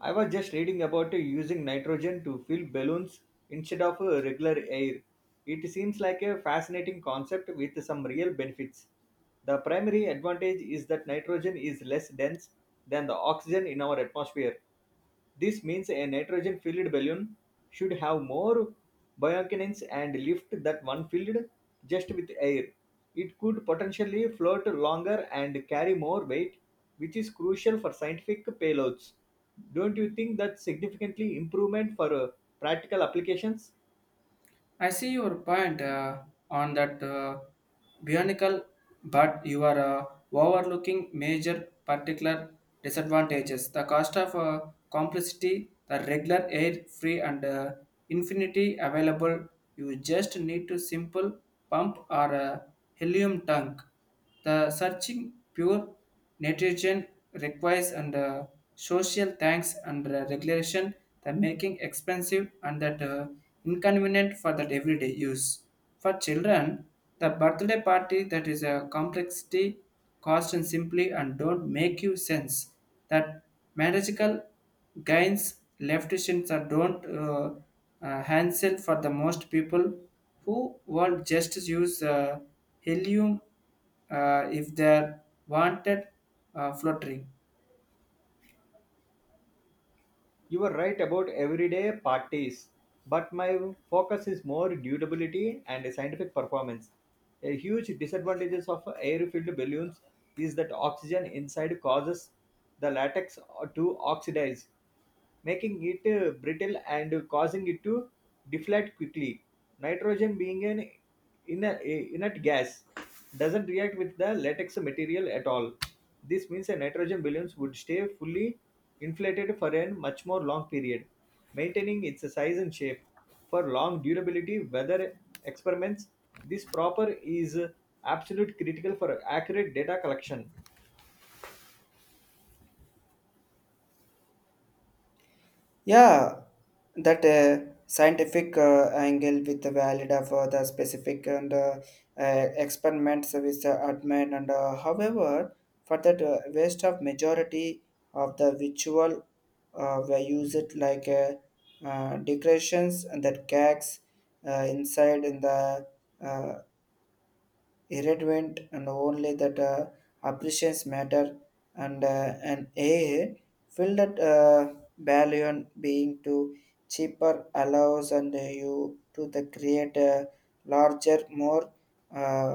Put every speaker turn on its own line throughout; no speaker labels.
I was just reading about using nitrogen to fill balloons instead of regular air. It seems like a fascinating concept with some real benefits. The primary advantage is that nitrogen is less dense than the oxygen in our atmosphere, this means a nitrogen filled balloon should have more buoyancy and lift that one filled just with air. It could potentially float longer and carry more weight, which is crucial for scientific payloads. Don't you think that's significantly improvement for practical applications?
I see your point on that bionicle, but you are overlooking major particular disadvantages. The cost of complexity, the regular air free and infinity available. You just need to simple pump or a helium tank. The searching pure nitrogen requires under social tanks and regulation, the making expensive and that inconvenient for that everyday use. For children, the birthday party that is a complexity cost and simply and don't make you sense that magical gains leftists are don't handle for the most people who will just use helium if they wanted fluttering.
You were right about everyday parties, but my focus is more durability and scientific performance. A huge disadvantages of air-filled balloons is that oxygen inside causes the latex to oxidize, making it brittle and causing it to deflate quickly. Nitrogen being an inert gas doesn't react with the latex material at all. This means a nitrogen balloons would stay fully inflated for a much more long period, maintaining its size and shape. For long durability weather experiments, this proper is absolute critical for accurate data collection.
Yeah, that scientific angle with the valid of the specific and experiments with the admin and however for that waste of majority of the ritual we use it like decorations and that gags inside in the uh, irrelevant and only that appreciations matter and an a filled that balloon being too cheaper allows and you to the create a larger more uh,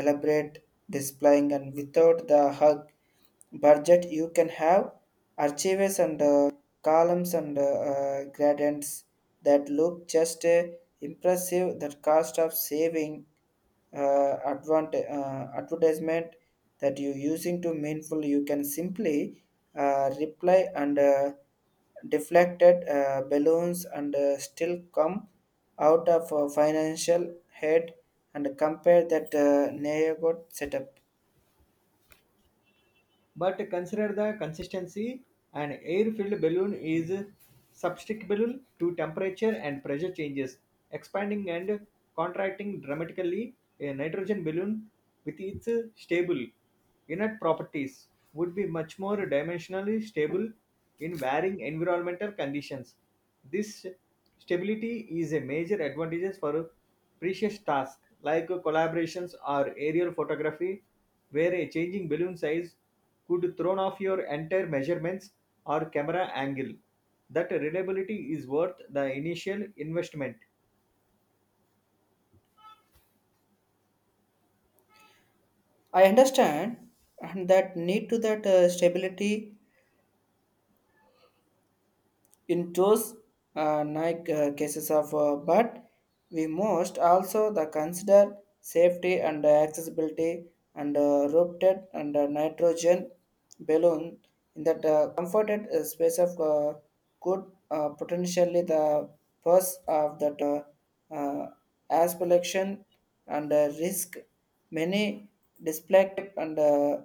elaborate displaying and without the hug budget you can have archives and columns and gradients that look just impressive. That cost of saving advertisement that you're using to meaningful, you can simply reply and deflected balloons and still come out of a financial head and compare that neighborhood setup.
But consider the consistency. An air-filled balloon is susceptible to temperature and pressure changes, expanding and contracting dramatically. A nitrogen balloon, with its stable inert properties, would be much more dimensionally stable in varying environmental conditions. This stability is a major advantage for precious tasks like collaborations or aerial photography, where a changing balloon size could thrown off your entire measurements or camera angle. That reliability is worth the initial investment.
I understand and that need to that stability in those nine cases of, but we must also the consider safety and accessibility and roped and nitrogen balloon in that comforted space of could potentially the purse of that. Uh, as production and risk many dysplectic and uh,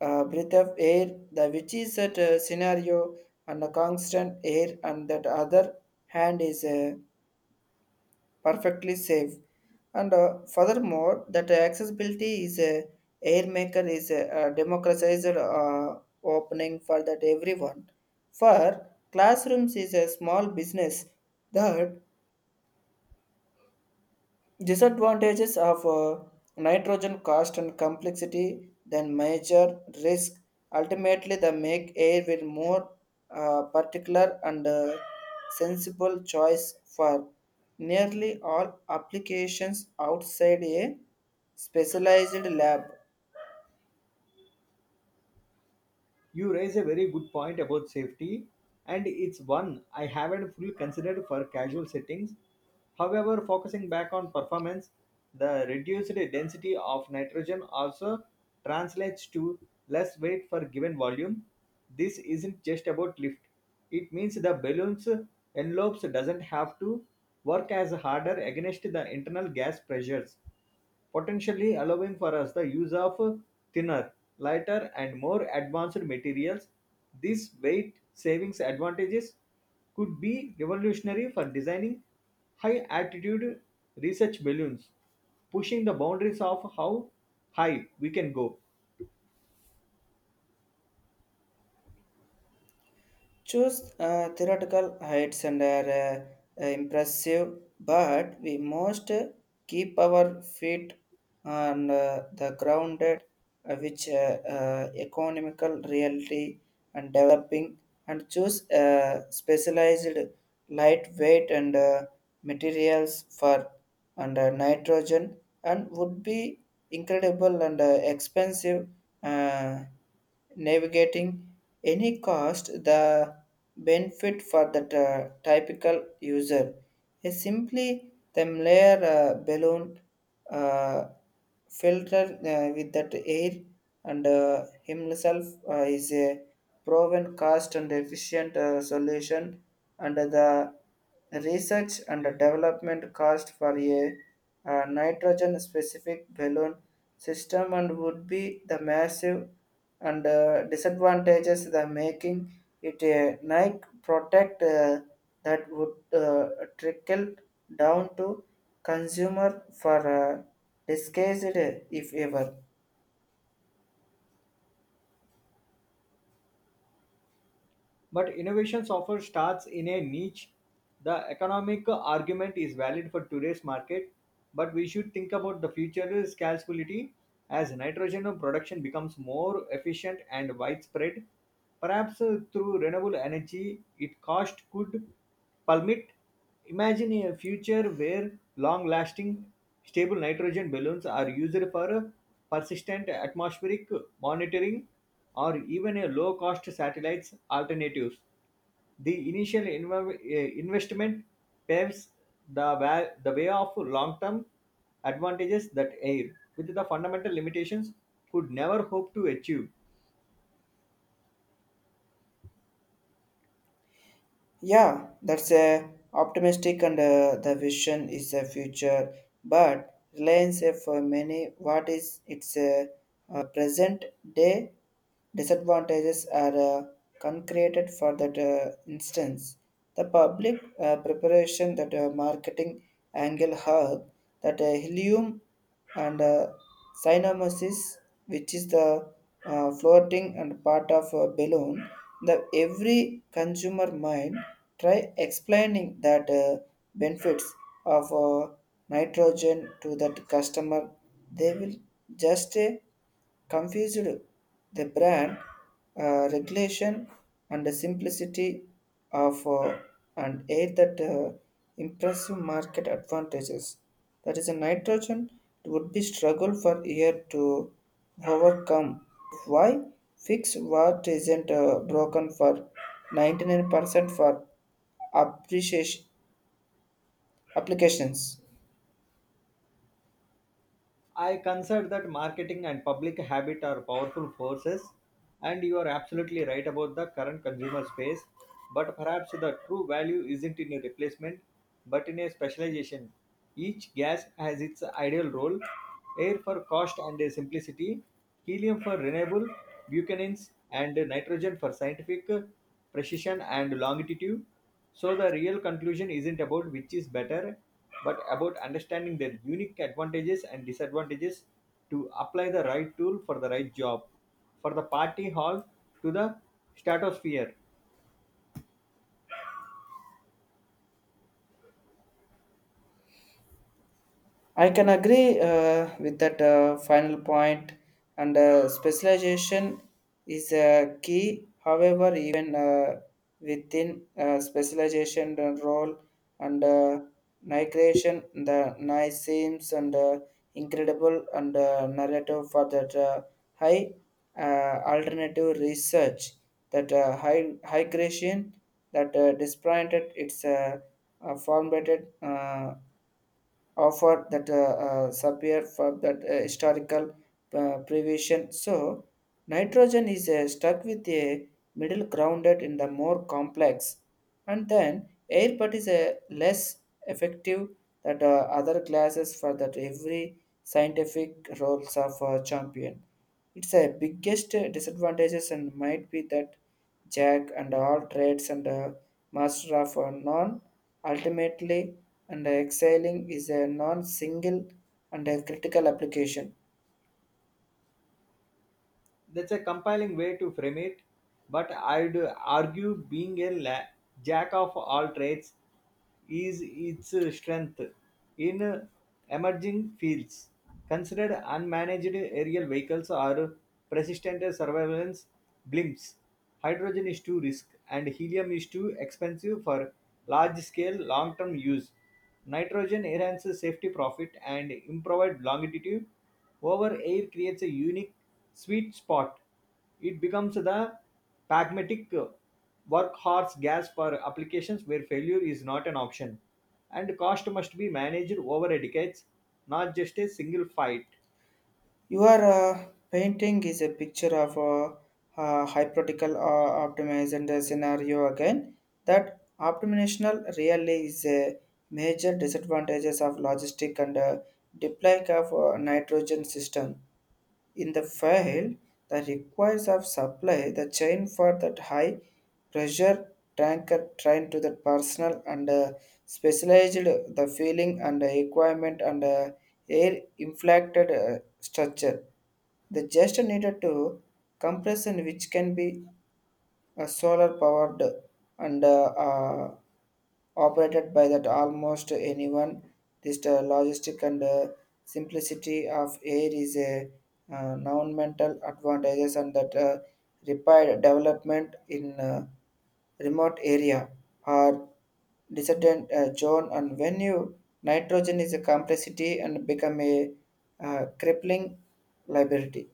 uh, breath of air the which is that scenario and a constant air and that other hand is perfectly safe and furthermore that accessibility is a air maker is a democratized opening for that everyone for classrooms is a small business that disadvantages of nitrogen cost and complexity then major risk. Ultimately, the make air will more particular and sensible choice for nearly all applications outside a specialized lab.
You raise a very good point about safety, and it's one I haven't fully considered for casual settings. However, focusing back on performance, the reduced density of nitrogen also translates to less weight for given volume. This isn't just about lift. It means the balloon's envelopes doesn't have to work as harder against the internal gas pressures potentially allowing for us the use of thinner, lighter, and more advanced materials. These weight savings advantages could be revolutionary for designing high altitude research balloons, pushing the boundaries of how high we can go.
Choose theoretical heights and are impressive, but we must keep our feet on the grounded, which economical reality and developing, and choose specialized lightweight and materials for and nitrogen and would be incredible and expensive. Uh, navigating any cost the benefit for the typical user is simply them layer balloon uh, filter with that air and himself is a proven cost and efficient solution under the research and development cost for a, nitrogen specific balloon system and would be the massive and disadvantages the making it a nike product that would uh, trickle down to consumer for disguised if ever.
But innovations often starts in a niche. The economic argument is valid for today's market, but we should think about the future scalability as nitrogen production becomes more efficient and widespread. Perhaps through renewable energy, its cost could plummet. Imagine a future where long lasting, stable nitrogen balloons are used for persistent atmospheric monitoring or even a low cost satellites alternatives. The investment paves the way of long term advantages that air, with the fundamental limitations, could never hope to achieve.
Yeah, that's a optimistic and the vision is a future, but reliance for many what is its present day disadvantages are concreted for that instance. The public preparation that marketing angle hub that helium and cyanomesis, which is the floating and part of a balloon. The every consumer mind try explaining that benefits of nitrogen to that customer. They will just confused the brand regulation and the simplicity of and aid that impressive market advantages. That is a nitrogen it would be struggle for year to overcome. Why fix what isn't broken for 99% for appreciation applications?
I consider that marketing and public habit are powerful forces, and you are absolutely right about the current consumer space. But perhaps the true value isn't in a replacement, but in a specialization. Each gas has its ideal role air for cost and simplicity, helium for renewable, buchanins, and nitrogen for scientific precision and longitude. So, the real conclusion isn't about which is better, but about understanding their unique advantages and disadvantages to apply the right tool for the right job, for the party hall to the stratosphere.
I can agree with that final point, and specialization is a key. However, even within specialization role and migration, the nice seems and incredible and narrative for that high alternative research that high creation that disappointed its formatted. Offer that superior for that historical prevision. So nitrogen is stuck with a middle grounded in the more complex, and then air but is a less effective that other classes for that every scientific roles of champion. It's a biggest disadvantages and might be that Jack and all trades and master of none ultimately and exhaling is a non-single and a critical application.
That's a compelling way to frame it, but I'd argue being a jack of all trades is its strength in emerging fields. Considered unmanaged aerial vehicles or persistent surveillance blimps. Hydrogen is too risk and helium is too expensive for large scale long term use. Nitrogen enhances safety profit and improved longevity. Over air creates a unique sweet spot. It becomes the pragmatic workhorse gas for applications where failure is not an option. And cost must be managed over decades, not just a single fight.
Your painting is a picture of a hypothetical optimized and a scenario again. That optimizational really is a major disadvantages of logistic and deploy of nitrogen system in the fail, the requires of supply the chain for that high pressure tanker train to the personal and specialized the feeling and equipment and air inflected structure. They just needed to compression which can be solar powered and operated by that almost anyone. This the logistic and simplicity of air is a non advantages and that required development in remote area or dissident zone and when you nitrogen is a complexity and become a crippling liability.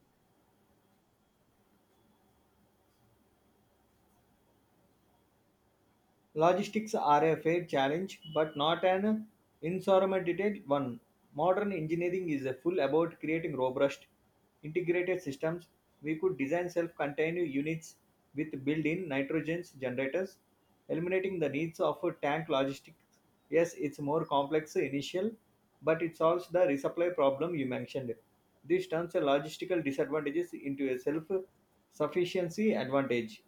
Logistics are a fair challenge, but not an insurmountable one. Modern engineering is a full about creating robust, integrated systems. We could design self-contained units with built-in nitrogen generators, eliminating the needs of a tank logistics. Yes, it's more complex initial, but it solves the resupply problem you mentioned. This turns a logistical disadvantages into a self-sufficiency advantage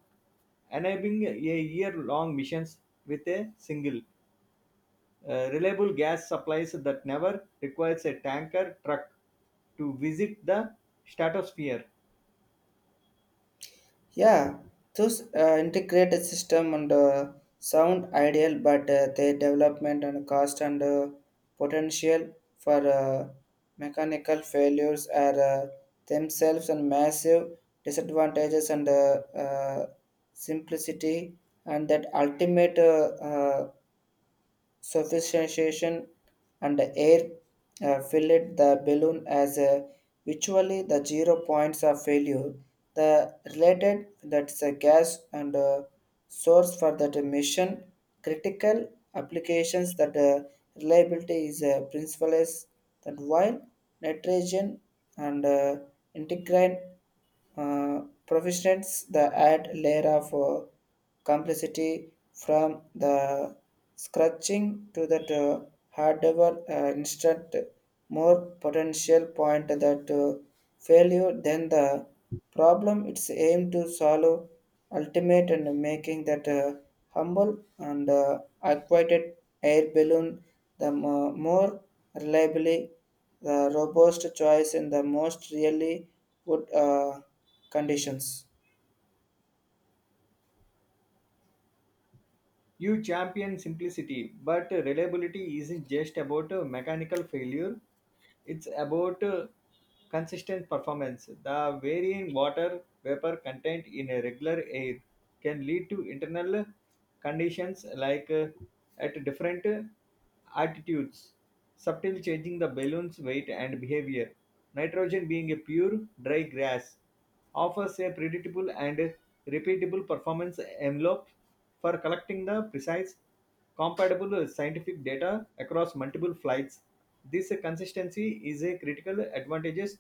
enabling a year-long missions with a single reliable gas supplies that never requires a tanker truck to visit the stratosphere.
Yeah, those integrated system and sound ideal, but their development and cost and potential for mechanical failures are themselves and massive disadvantages and simplicity, and that ultimate sophistication and air filled the balloon as a virtually the 0 points of failure. The related that's a gas and a source for that mission critical applications that reliability is a principle is that while nitrogen and integrant professionals the add layer of complexity from the scratching to that hardware instant more potential point that failure than the problem it's aim to solve ultimate and making that humble and acquainted air balloon the more reliably the robust choice and the most really would conditions
You champion simplicity, but reliability isn't just about mechanical failure, it's about consistent performance. The varying water vapor content in a regular air can lead to internal conditions like at different altitudes, subtle changing the balloon's weight and behavior. Nitrogen being a pure, dry gas offers a predictable and repeatable performance envelope for collecting the precise, compatible scientific data across multiple flights. This consistency is a critical advantage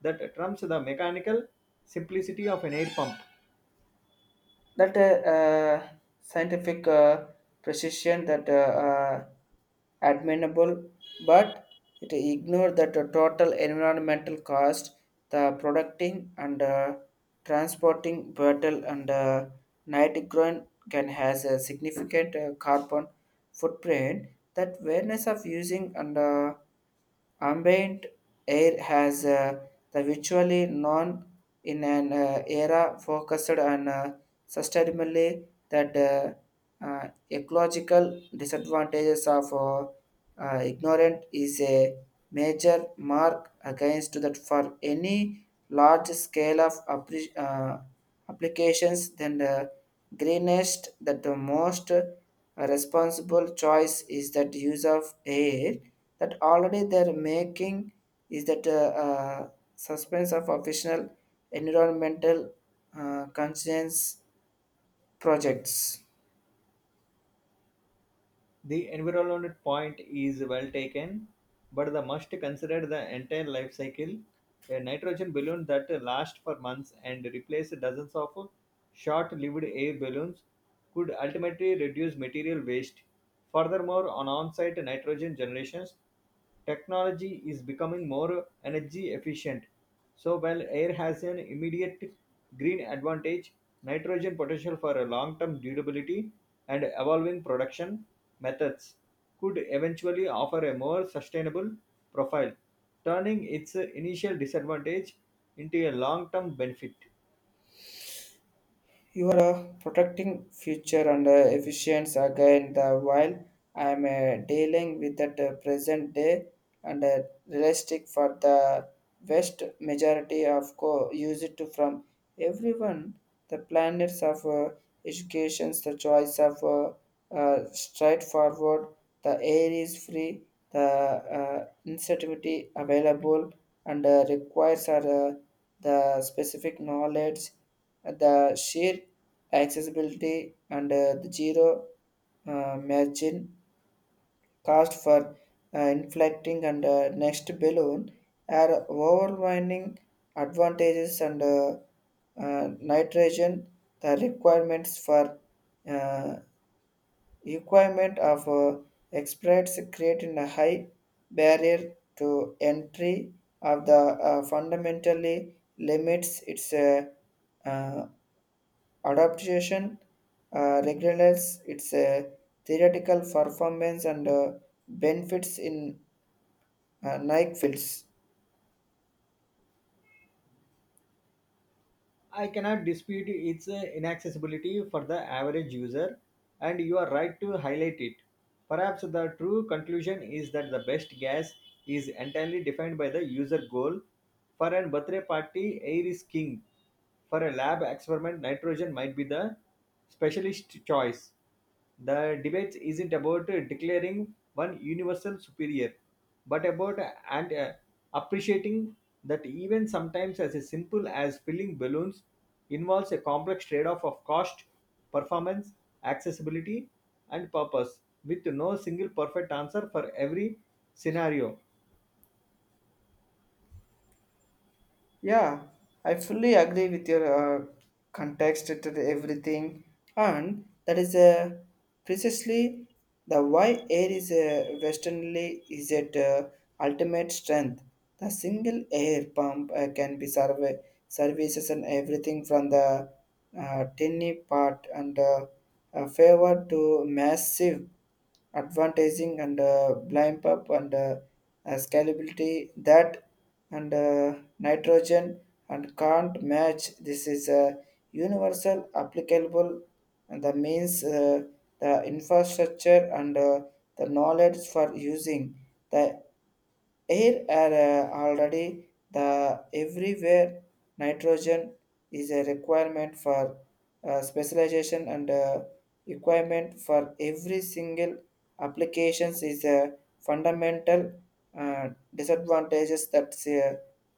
that trumps the mechanical simplicity of an air pump.
that scientific precision that uh, admirable but it ignore that the total environmental cost the producting and transporting brittle and nitrile can has a significant carbon footprint that awareness of using and ambient air has the virtually non in an era focused on sustainability that ecological disadvantages of ignorant is a major mark against that for any large scale of applications than the greenest that the most a responsible choice is that use of air that already they're making is that uh, suspense of official environmental conscience projects.
The environment point is well taken, but the must consider the entire life cycle. A nitrogen balloon that lasts for months and replaces dozens of short-lived air balloons could ultimately reduce material waste. Furthermore, on on-site nitrogen generations, technology is becoming more energy efficient so while air has an immediate green advantage, nitrogen potential for a long-term durability and evolving production methods could eventually offer a more sustainable profile, turning its initial disadvantage into a long-term benefit.
You are protecting future and efficiency again the while I am dealing with the present day and realistic for the vast majority of use it to from everyone the planets of educations the choice of straightforward, the air is free, the insensitivity available, and requires are, the specific knowledge, the sheer accessibility, and the zero margin cost for inflating and next balloon are overwhelming advantages and nitrogen the requirements for uh, requirement of experts creating a high barrier to entry of the fundamentally limits its uh, adaptation regulates its theoretical performance and benefits in nike fields.
I cannot dispute its inaccessibility for the average user, and you are right to highlight it. Perhaps the true conclusion is that the best gas is entirely defined by the user goal. For a birthday party, air is king. For a lab experiment, nitrogen might be the specialist choice. The debate isn't about declaring one universal superior, but about and appreciating that even sometimes as simple as filling balloons involves a complex trade-off of cost, performance, accessibility, and purpose, with no single perfect answer for every scenario.
Yeah, I fully agree with your context to the everything, and that is precisely the why air is westernly is at ultimate strength. The single air pump can be survey services and everything from the tiny part and favor to massive advantaging and blind up and scalability that and nitrogen and can't match this is a universal applicable and that means the infrastructure and the knowledge for using the air are already the everywhere nitrogen is a requirement for specialization and requirement for every single applications is a fundamental disadvantages that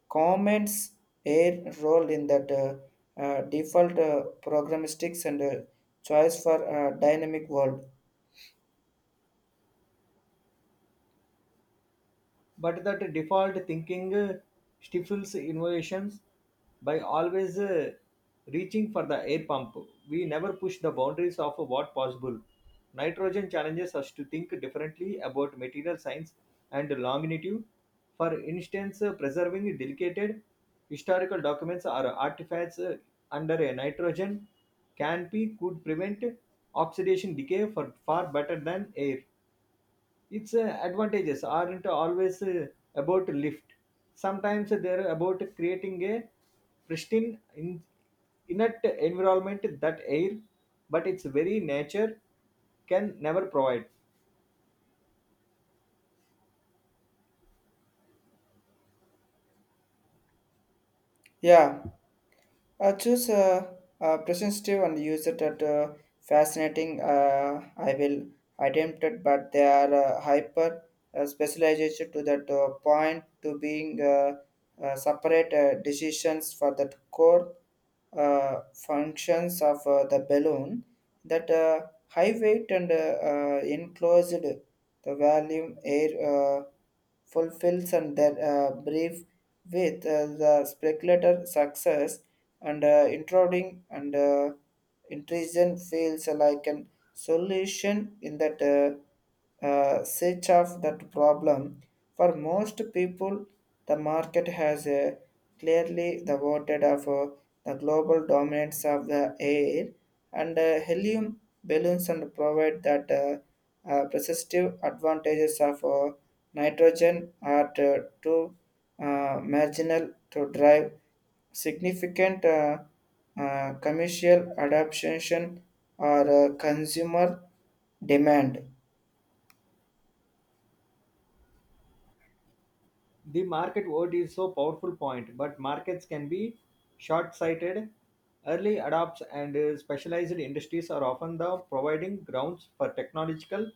comments air role in that default programistics and choice for dynamic world.
But that default thinking stifles innovations by always reaching for the air pump, we never push the boundaries of what possible. Nitrogen challenges us to think differently about material science and longevity, for instance preserving delicate historical documents or artifacts under a nitrogen canopy could prevent oxidation decay for far better than air. Its advantages aren't always about lift, sometimes they're about creating a pristine in- inert environment that air, but its very nature, can never provide.
Yeah. Choose a presentative and use it at fascinating. I will attempt it, but they are hyper specialization to that point to being separate decisions for that core functions of the balloon that high weight and enclosed the volume air fulfills and that brief with the speculator success and intruding and intrusion feels like an solution in that search of that problem for most people, the market has clearly the voted of the global dominance of the air and helium balloons and provide that persistive advantages of nitrogen are too marginal to drive significant commercial adaptation or consumer demand.
The market word is so powerful point, but markets can be short-sighted. Early adopts and specialized industries are often the providing grounds for technological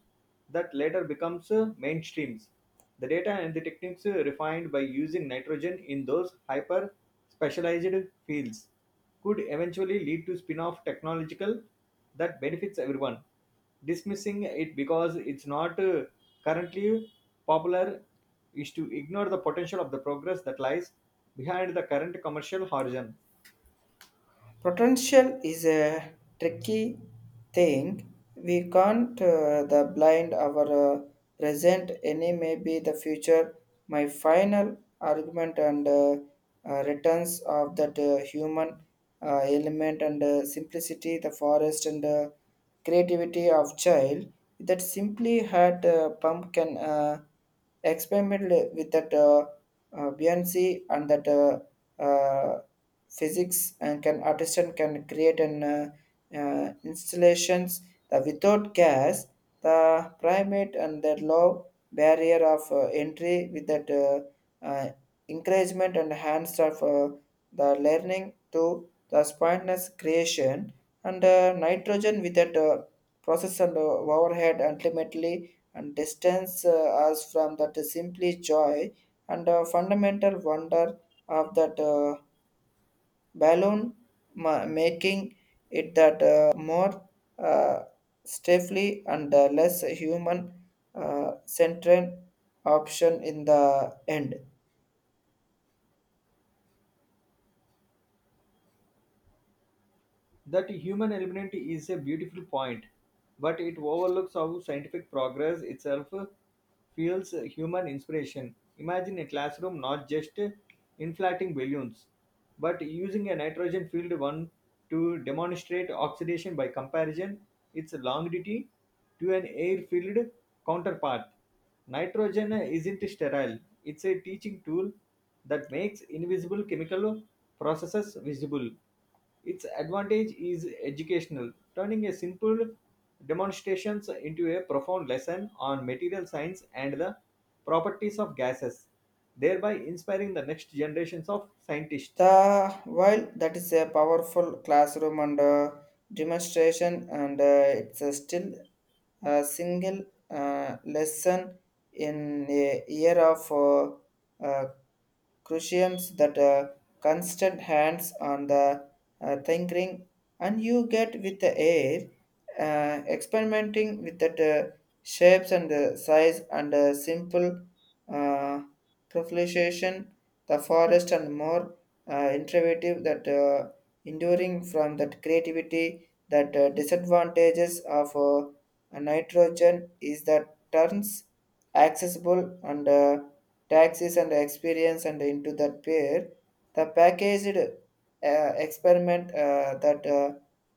that later becomes mainstreams. The data and the techniques refined by using nitrogen in those hyper specialized fields could eventually lead to spin-off technological that benefits everyone. Dismissing it because it's not currently popular is to ignore the potential of the progress that lies behind the current commercial horizon.
Potential is a tricky thing. We can't the blind our present any may be the future. My final argument and returns of that human element and simplicity, the forest and creativity of child that simply had pumpkin. Experiment with that Beyonce and that uh, physics and can artisan can create an installations that without gas the primate and that low barrier of entry with that encouragement and hands of the learning to the spontaneous creation and nitrogen with that process and overhead ultimately and distance us from that simply joy and fundamental wonder of that balloon making it that more uh, stiffly and less human centered option in the end.
That human element is a beautiful point, but it overlooks how scientific progress itself fuels human inspiration. Imagine a classroom not just inflating balloons, but using a nitrogen filled one to demonstrate oxidation by comparison, its longevity to an air filled counterpart. Nitrogen isn't sterile, it's a teaching tool that makes invisible chemical processes visible. Its advantage is educational, turning a simple demonstrations into a profound lesson on material science and the properties of gases, thereby inspiring the next generations of scientists.
The while that is a powerful classroom and demonstration and it's still a single lesson in a year of uh, cruciums that constant hands on the thinking and you get with the air experimenting with that shapes and the size and simple uh, proliferation the forest and more innovative that enduring from that creativity that disadvantages of nitrogen is that turns accessible and taxis and experience and into that pair the packaged experiment uh, that uh,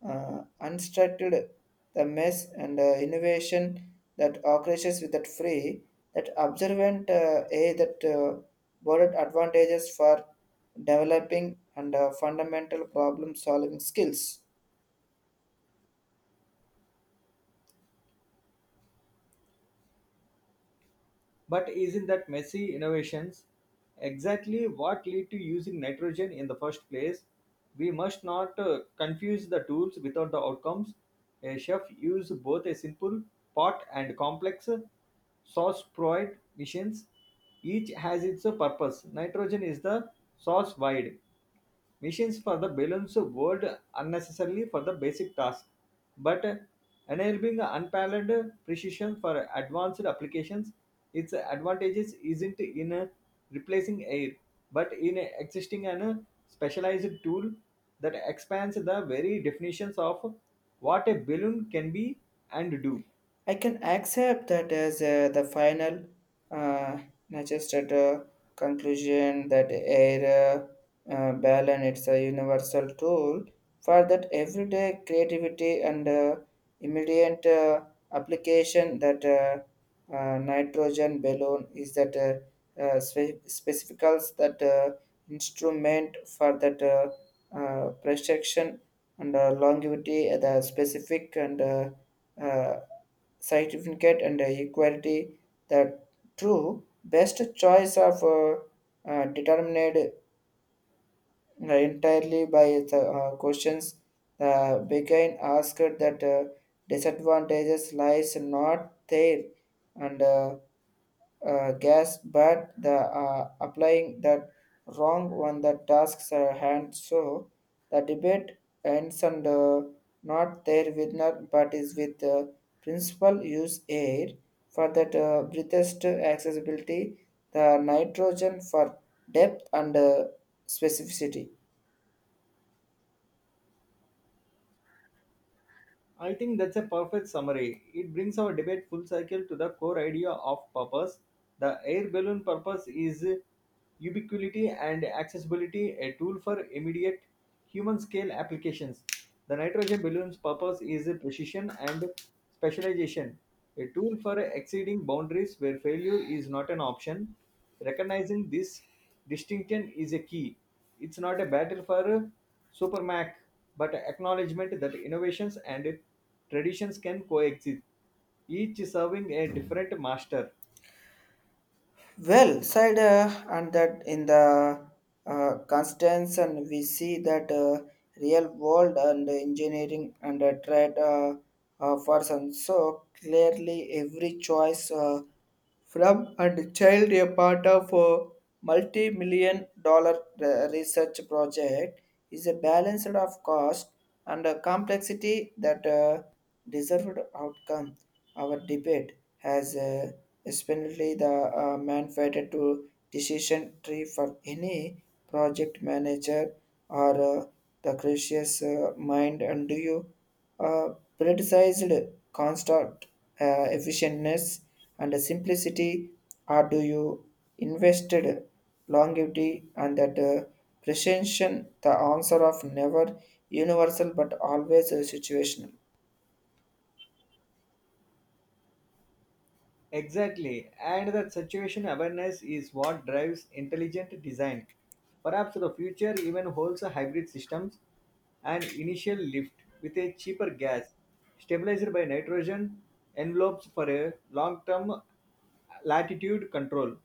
uh, unstructured the mess and innovation that occurs with that free that observant a that borrowed advantages for developing and fundamental problem solving skills.
But isn't that messy innovations exactly what lead to using nitrogen in the first place? We must not confuse the tools without the outcomes. A chef uses both a simple pot and complex sauce proid missions. Each has its purpose. Nitrogen is the sauce wide. Machines for the balance world unnecessarily for the basic task, but enabling unparalleled precision for advanced applications. Its advantages isn't in replacing air, but in existing and specialized tool that expands the very definitions of what a balloon can be and do.
I can accept that as the final, uh, not just at a conclusion that air balance it's a universal tool for that everyday creativity and immediate application that nitrogen balloon is that specificals that instrument for that projection and longevity at the specific and uh, certificate and equality the true best choice of determined entirely by the questions the begin asked that disadvantages lies not there and gas but the applying that wrong one the tasks are hand so the debate ends and not their winner but is with the principal use air for that breathest accessibility the nitrogen for depth and specificity.
I think that's a perfect summary. It brings our debate full circle to the core idea of purpose. The air balloon purpose is ubiquity and accessibility, a tool for immediate human scale applications. The nitrogen balloon's purpose is precision and specialization, a tool for exceeding boundaries where failure is not an option. Recognizing this distinction is a key. It's not a battle for supermac, but acknowledgement that innovations and traditions can coexist, each serving a different master.
Well said, and that in the Constance, and we see that real world and engineering and trade person. So clearly, every choice from and child a part of a multi-million dollar research project is a balanced of cost and complexity that. Deserved outcome. Our debate has especially the man to decision tree for any project manager or the gracious mind and do you uh, politicized construct efficientness and simplicity or do you invested longevity and that presentation the answer of never universal but always situational.
Exactly, and that situation awareness is what drives intelligent design. Perhaps the future even holds a hybrid systems, an initial lift with a cheaper gas, stabilized by nitrogen envelopes for a long-term latitude control.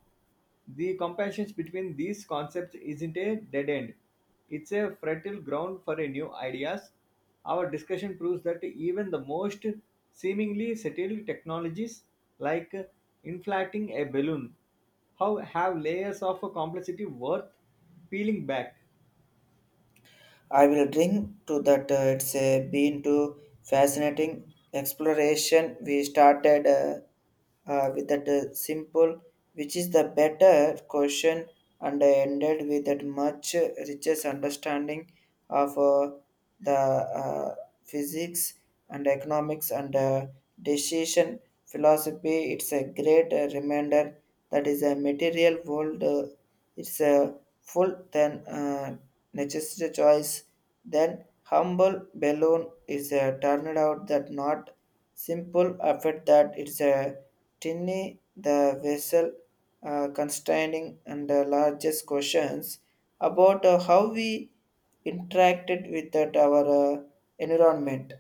The comparisons between these concepts isn't a dead end. It's a fertile ground for a new ideas. Our discussion proves that even the most seemingly settled technologies like inflating a balloon how have layers of complexity worth peeling back.
I will drink to that. It's been to fascinating exploration. We started with that simple, which is the better question, and ended with that much richest understanding of the physics and economics and decision philosophy. It's a great reminder that is a material world. It's a full then necessity choice. Then humble balloon is a turned out that not simple effort that it's a tiny the vessel constraining and the largest questions about how we interacted with that our uh, environment.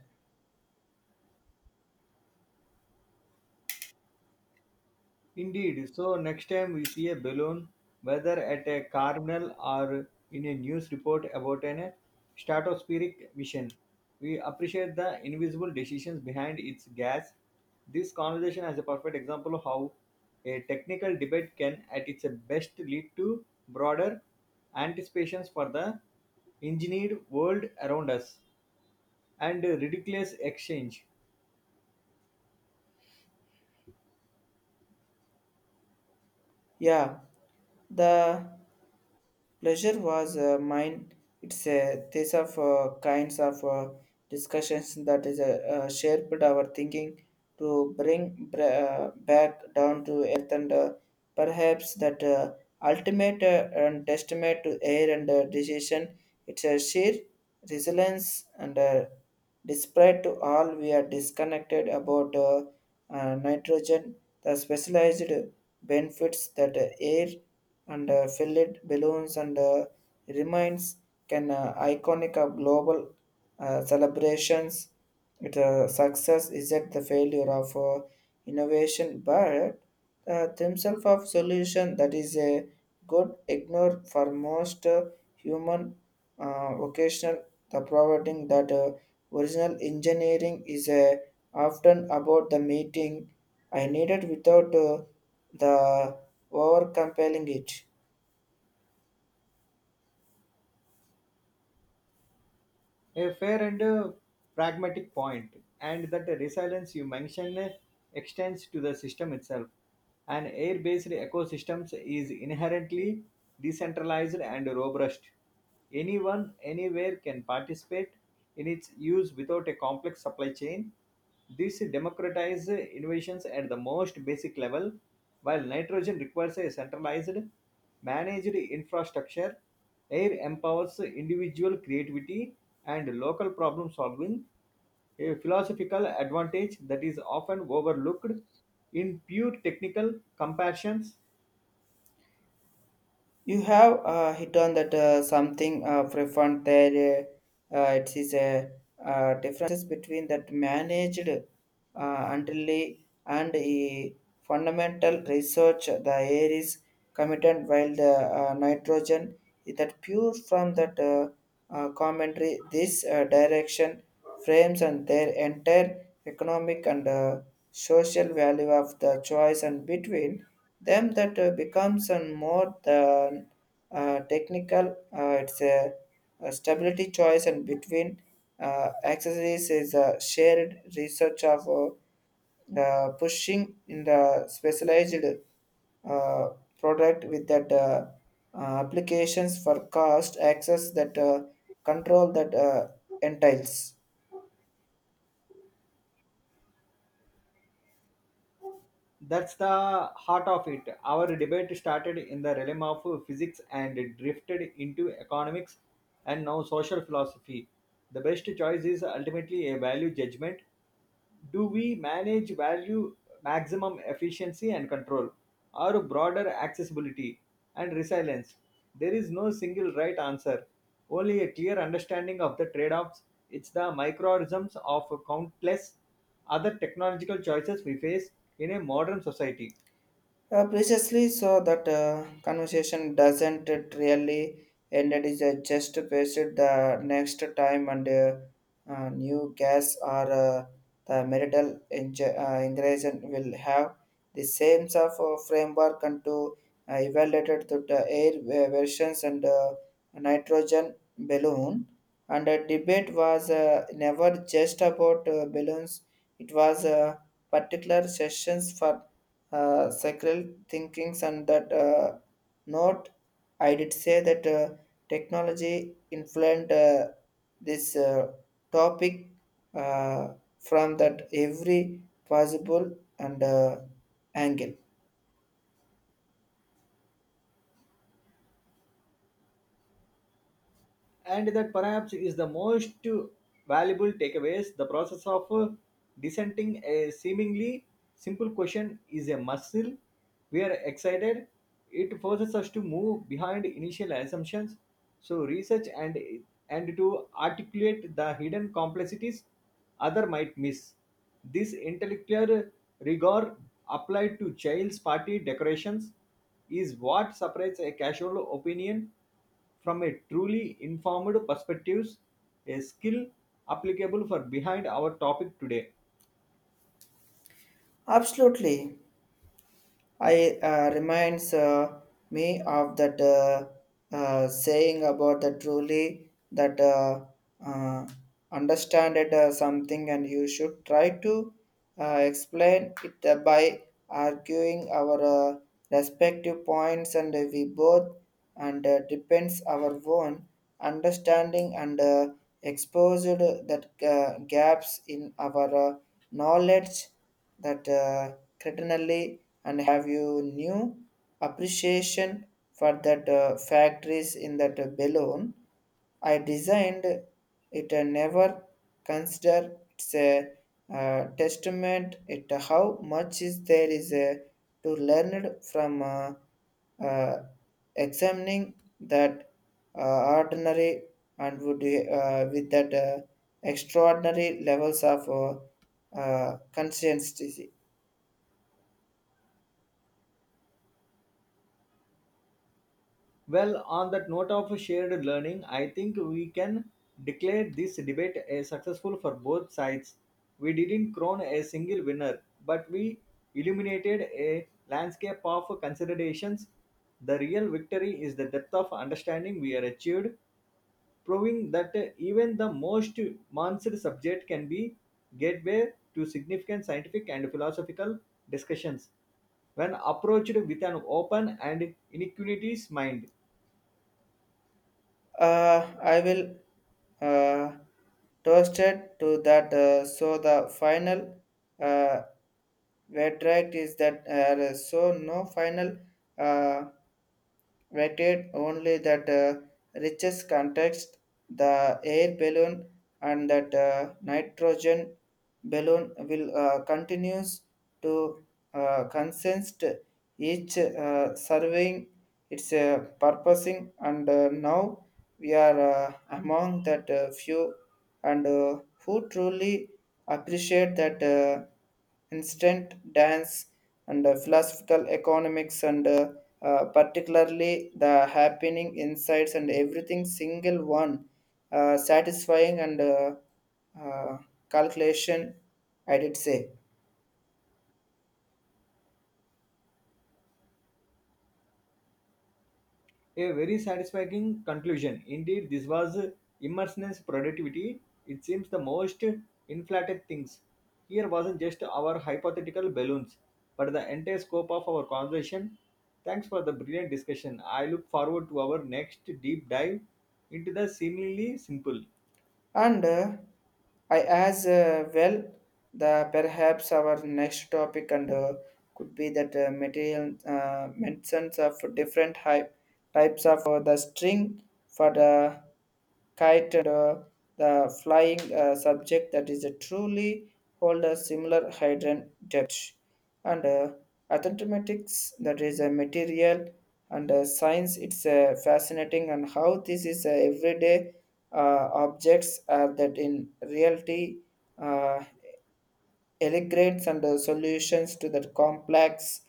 Indeed. So next time we see a balloon, whether at a carnival or in a news report about an stratospheric mission, we appreciate the invisible decisions behind its gas. This conversation has a perfect example of how a technical debate can, at its best, lead to broader anticipations for the engineered world around us and ridiculous exchange.
Yeah, the Pleasure was mine. It's a these of kinds of discussions that is shaped our thinking to bring back down to earth and perhaps that ultimate and testament to air and decision. It's a sheer resilience and despite to all we are disconnected about nitrogen, the specialized benefits that air and fillet balloons and remains can iconic of global celebrations. It success is at the failure of innovation, but themselves of solution that is a could ignore for most human vocational the providing that original engineering is often about the meeting I needed without the over it.
A fair and pragmatic point, and that resilience you mentioned extends to the system itself. An air based ecosystem is inherently decentralized and robust. Anyone, anywhere can participate in its use without a complex supply chain. This democratizes innovations at the most basic level, while nitrogen requires a centralized, managed infrastructure. Air empowers individual creativity and local problem solving, a philosophical advantage that is often overlooked in pure technical comparisons.
You have hit on that something profound there. It is a differences between that managed until and a fundamental research the air is committed while the nitrogen is that pure from that commentary this direction frames and their entire economic and social value of the choice and between them that becomes and more than technical it's a stability choice and between accessories is a shared research of pushing in the specialized uh, product with that applications for cost access that control that entails.
That's the heart of it. Our debate started in the realm of physics and drifted into economics and now social philosophy. The best choice is ultimately a value judgment. Do we manage value maximum efficiency and control, or broader accessibility and resilience? There is no single right answer, only a clear understanding of the trade offs. It's the microorganisms of countless other technological choices we face in a modern society.
Precisely so that conversation doesn't it really end it is just pasted the next time and new gas or the marital ingredient will have the same sort of framework and to evaluated to the air versions and nitrogen balloon and the debate was never just about balloons it was particular sessions for sacral thinkings and that note I did say that technology influenced this topic uh, from that every possible and angle.
And that perhaps is the most valuable takeaways the process of dissenting a seemingly simple question is a muscle we are excited. It forces us to move behind initial assumptions so research and to articulate the hidden complexities other might miss. This intellectual rigor applied to child's party decorations is what separates a casual opinion from a truly informed perspective, a skill applicable for behind our topic today.
Absolutely. I reminds me of that saying about the truly that uh, understand it something and you should try to explain it by arguing our respective points and we both and depends our own understanding and exposed that gaps in our knowledge that certainly and have you new appreciation for that factories in that balloon I designed it never consider it's a testament it how much is there is a, to learn from uh, examining that ordinary and would with that extraordinary levels of consistency.
Well, on that note of shared learning, I think we can declare this debate a successful for both sides. We didn't crown a single winner, but we illuminated a landscape of considerations. The real victory is the depth of understanding we are achieved, proving that even the most monster subject can be gateway to significant scientific and philosophical discussions when approached with an open and iniquities mind.
I will uh, toast it to that. So the final uh, verdict is that so no final uh, vetted only that richest context, the air balloon and that nitrogen balloon will continues to consist each serving its purposing and now we are among that few and who truly appreciate that instant dance and philosophical economics and particularly the happening insights and everything single one satisfying and uh, calculation I did say.
A very satisfying conclusion. Indeed, this was immersiveness productivity. It seems the most inflated things. Here wasn't just our hypothetical balloons, but the entire scope of our conversation. Thanks for the brilliant discussion. I look forward to our next deep dive into the seemingly simple.
And I as well the perhaps our next topic and could be that material mentions of different hype, types of the string for the kite and the flying subject that is a truly hold a similar hydrogen depth and mathematics that is a material and science it's fascinating and how this is everyday objects are that in reality uh, integrates and solutions to the complex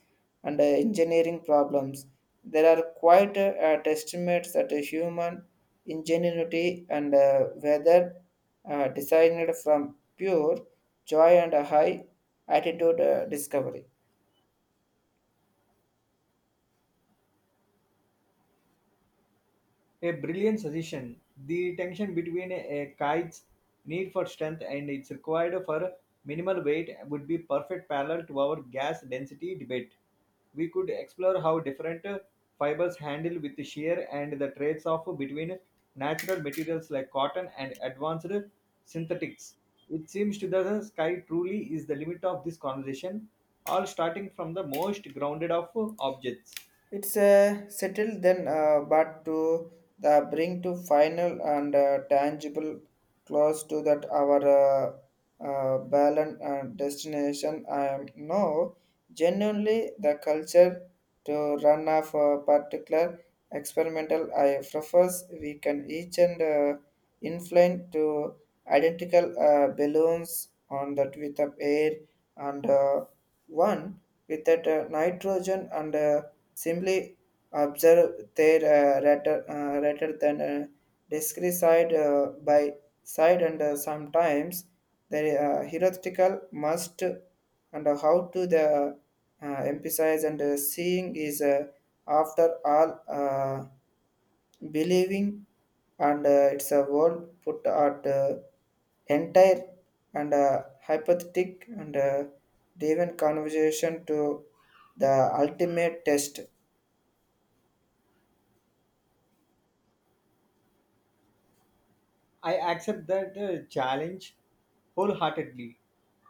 and engineering problems. There are quite testaments that a human ingenuity and whether designed from pure joy and a high attitude discovery.
A brilliant suggestion. The tension between a kite's need for strength and its required for minimal weight would be perfect parallel to our gas density debate. We could explore how different fibers handle with shear and the trades off between natural materials like cotton and advanced synthetics. It seems to the sky truly is the limit of this conversation, all starting from the most grounded of objects.
It's settled then, but to the bring to final and tangible close to that our balance and destination. I am no genuinely the culture to run off a particular experimental. I prefers we can each and inflate to identical balloons on that with the air and one with that nitrogen and. Simply observe their rather than discrete side by side, and sometimes the hierarchical must and how to the emphasize and seeing is after all believing and it's a world put at entire and hypothetic and driven conversation to the ultimate test.
I accept that challenge wholeheartedly.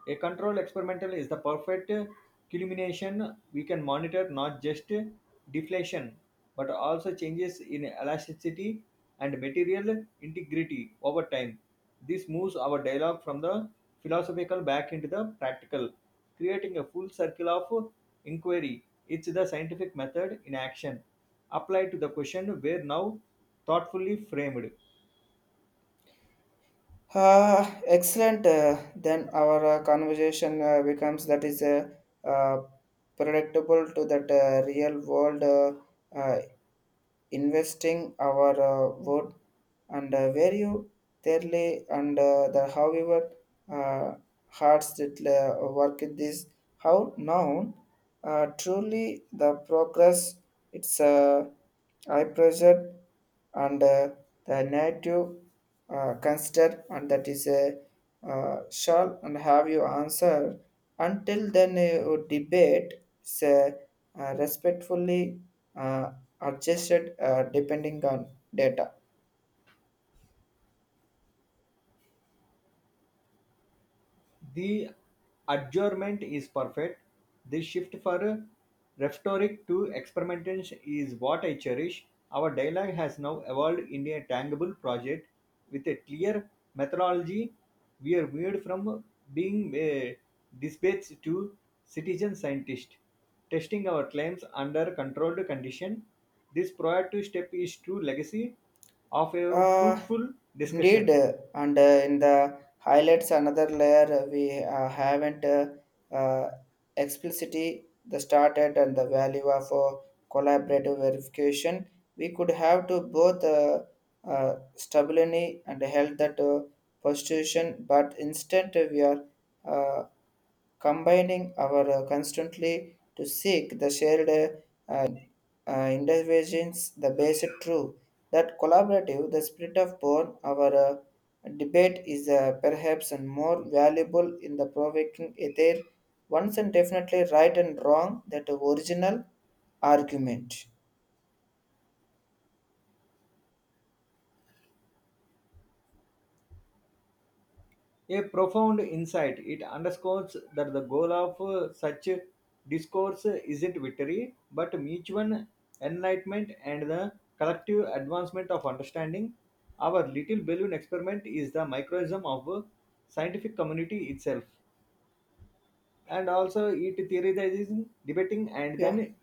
A control experimental is the perfect culmination. We can monitor not just deflation but also changes in elasticity and material integrity over time. This moves our dialogue from the philosophical back into the practical, creating a full circle of inquiry. It's the scientific method in action, applied to the question where now thoughtfully framed.
Excellent. Then our conversation becomes that is uh, predictable to that real world investing our wood and value dearly and the however uh, hearts that work at this how now truly the progress it's high pressure and the native consider and that is a shall and have you answer until then you debate it's respectfully uh, adjusted depending on data.
The adjournment is perfect. The shift for rhetoric to experimentation is what I cherish. Our dialogue has now evolved into a tangible project with a clear methodology. We are moved from being a dispatch to citizen scientists, testing our claims under controlled condition. This proactive step is true legacy of a
Uh,
fruitful
Indeed,
discussion.
and in the highlights another layer we haven't uh, explicitly the started and the value of collaborative verification. We could have to both stability and health that prostitution, but instead we are uh, combining our constantly to seek the shared uh, interventions the basic truth that collaborative the spirit of born our debate is perhaps and more valuable in the provoking ether once and definitely right and wrong that original argument.
A profound insight. It underscores that the goal of such discourse isn't victory, but mutual enlightenment and the collective advancement of understanding. Our little balloon experiment is the microcosm of scientific community itself, and also it theorizing, debating, and
Yeah.
then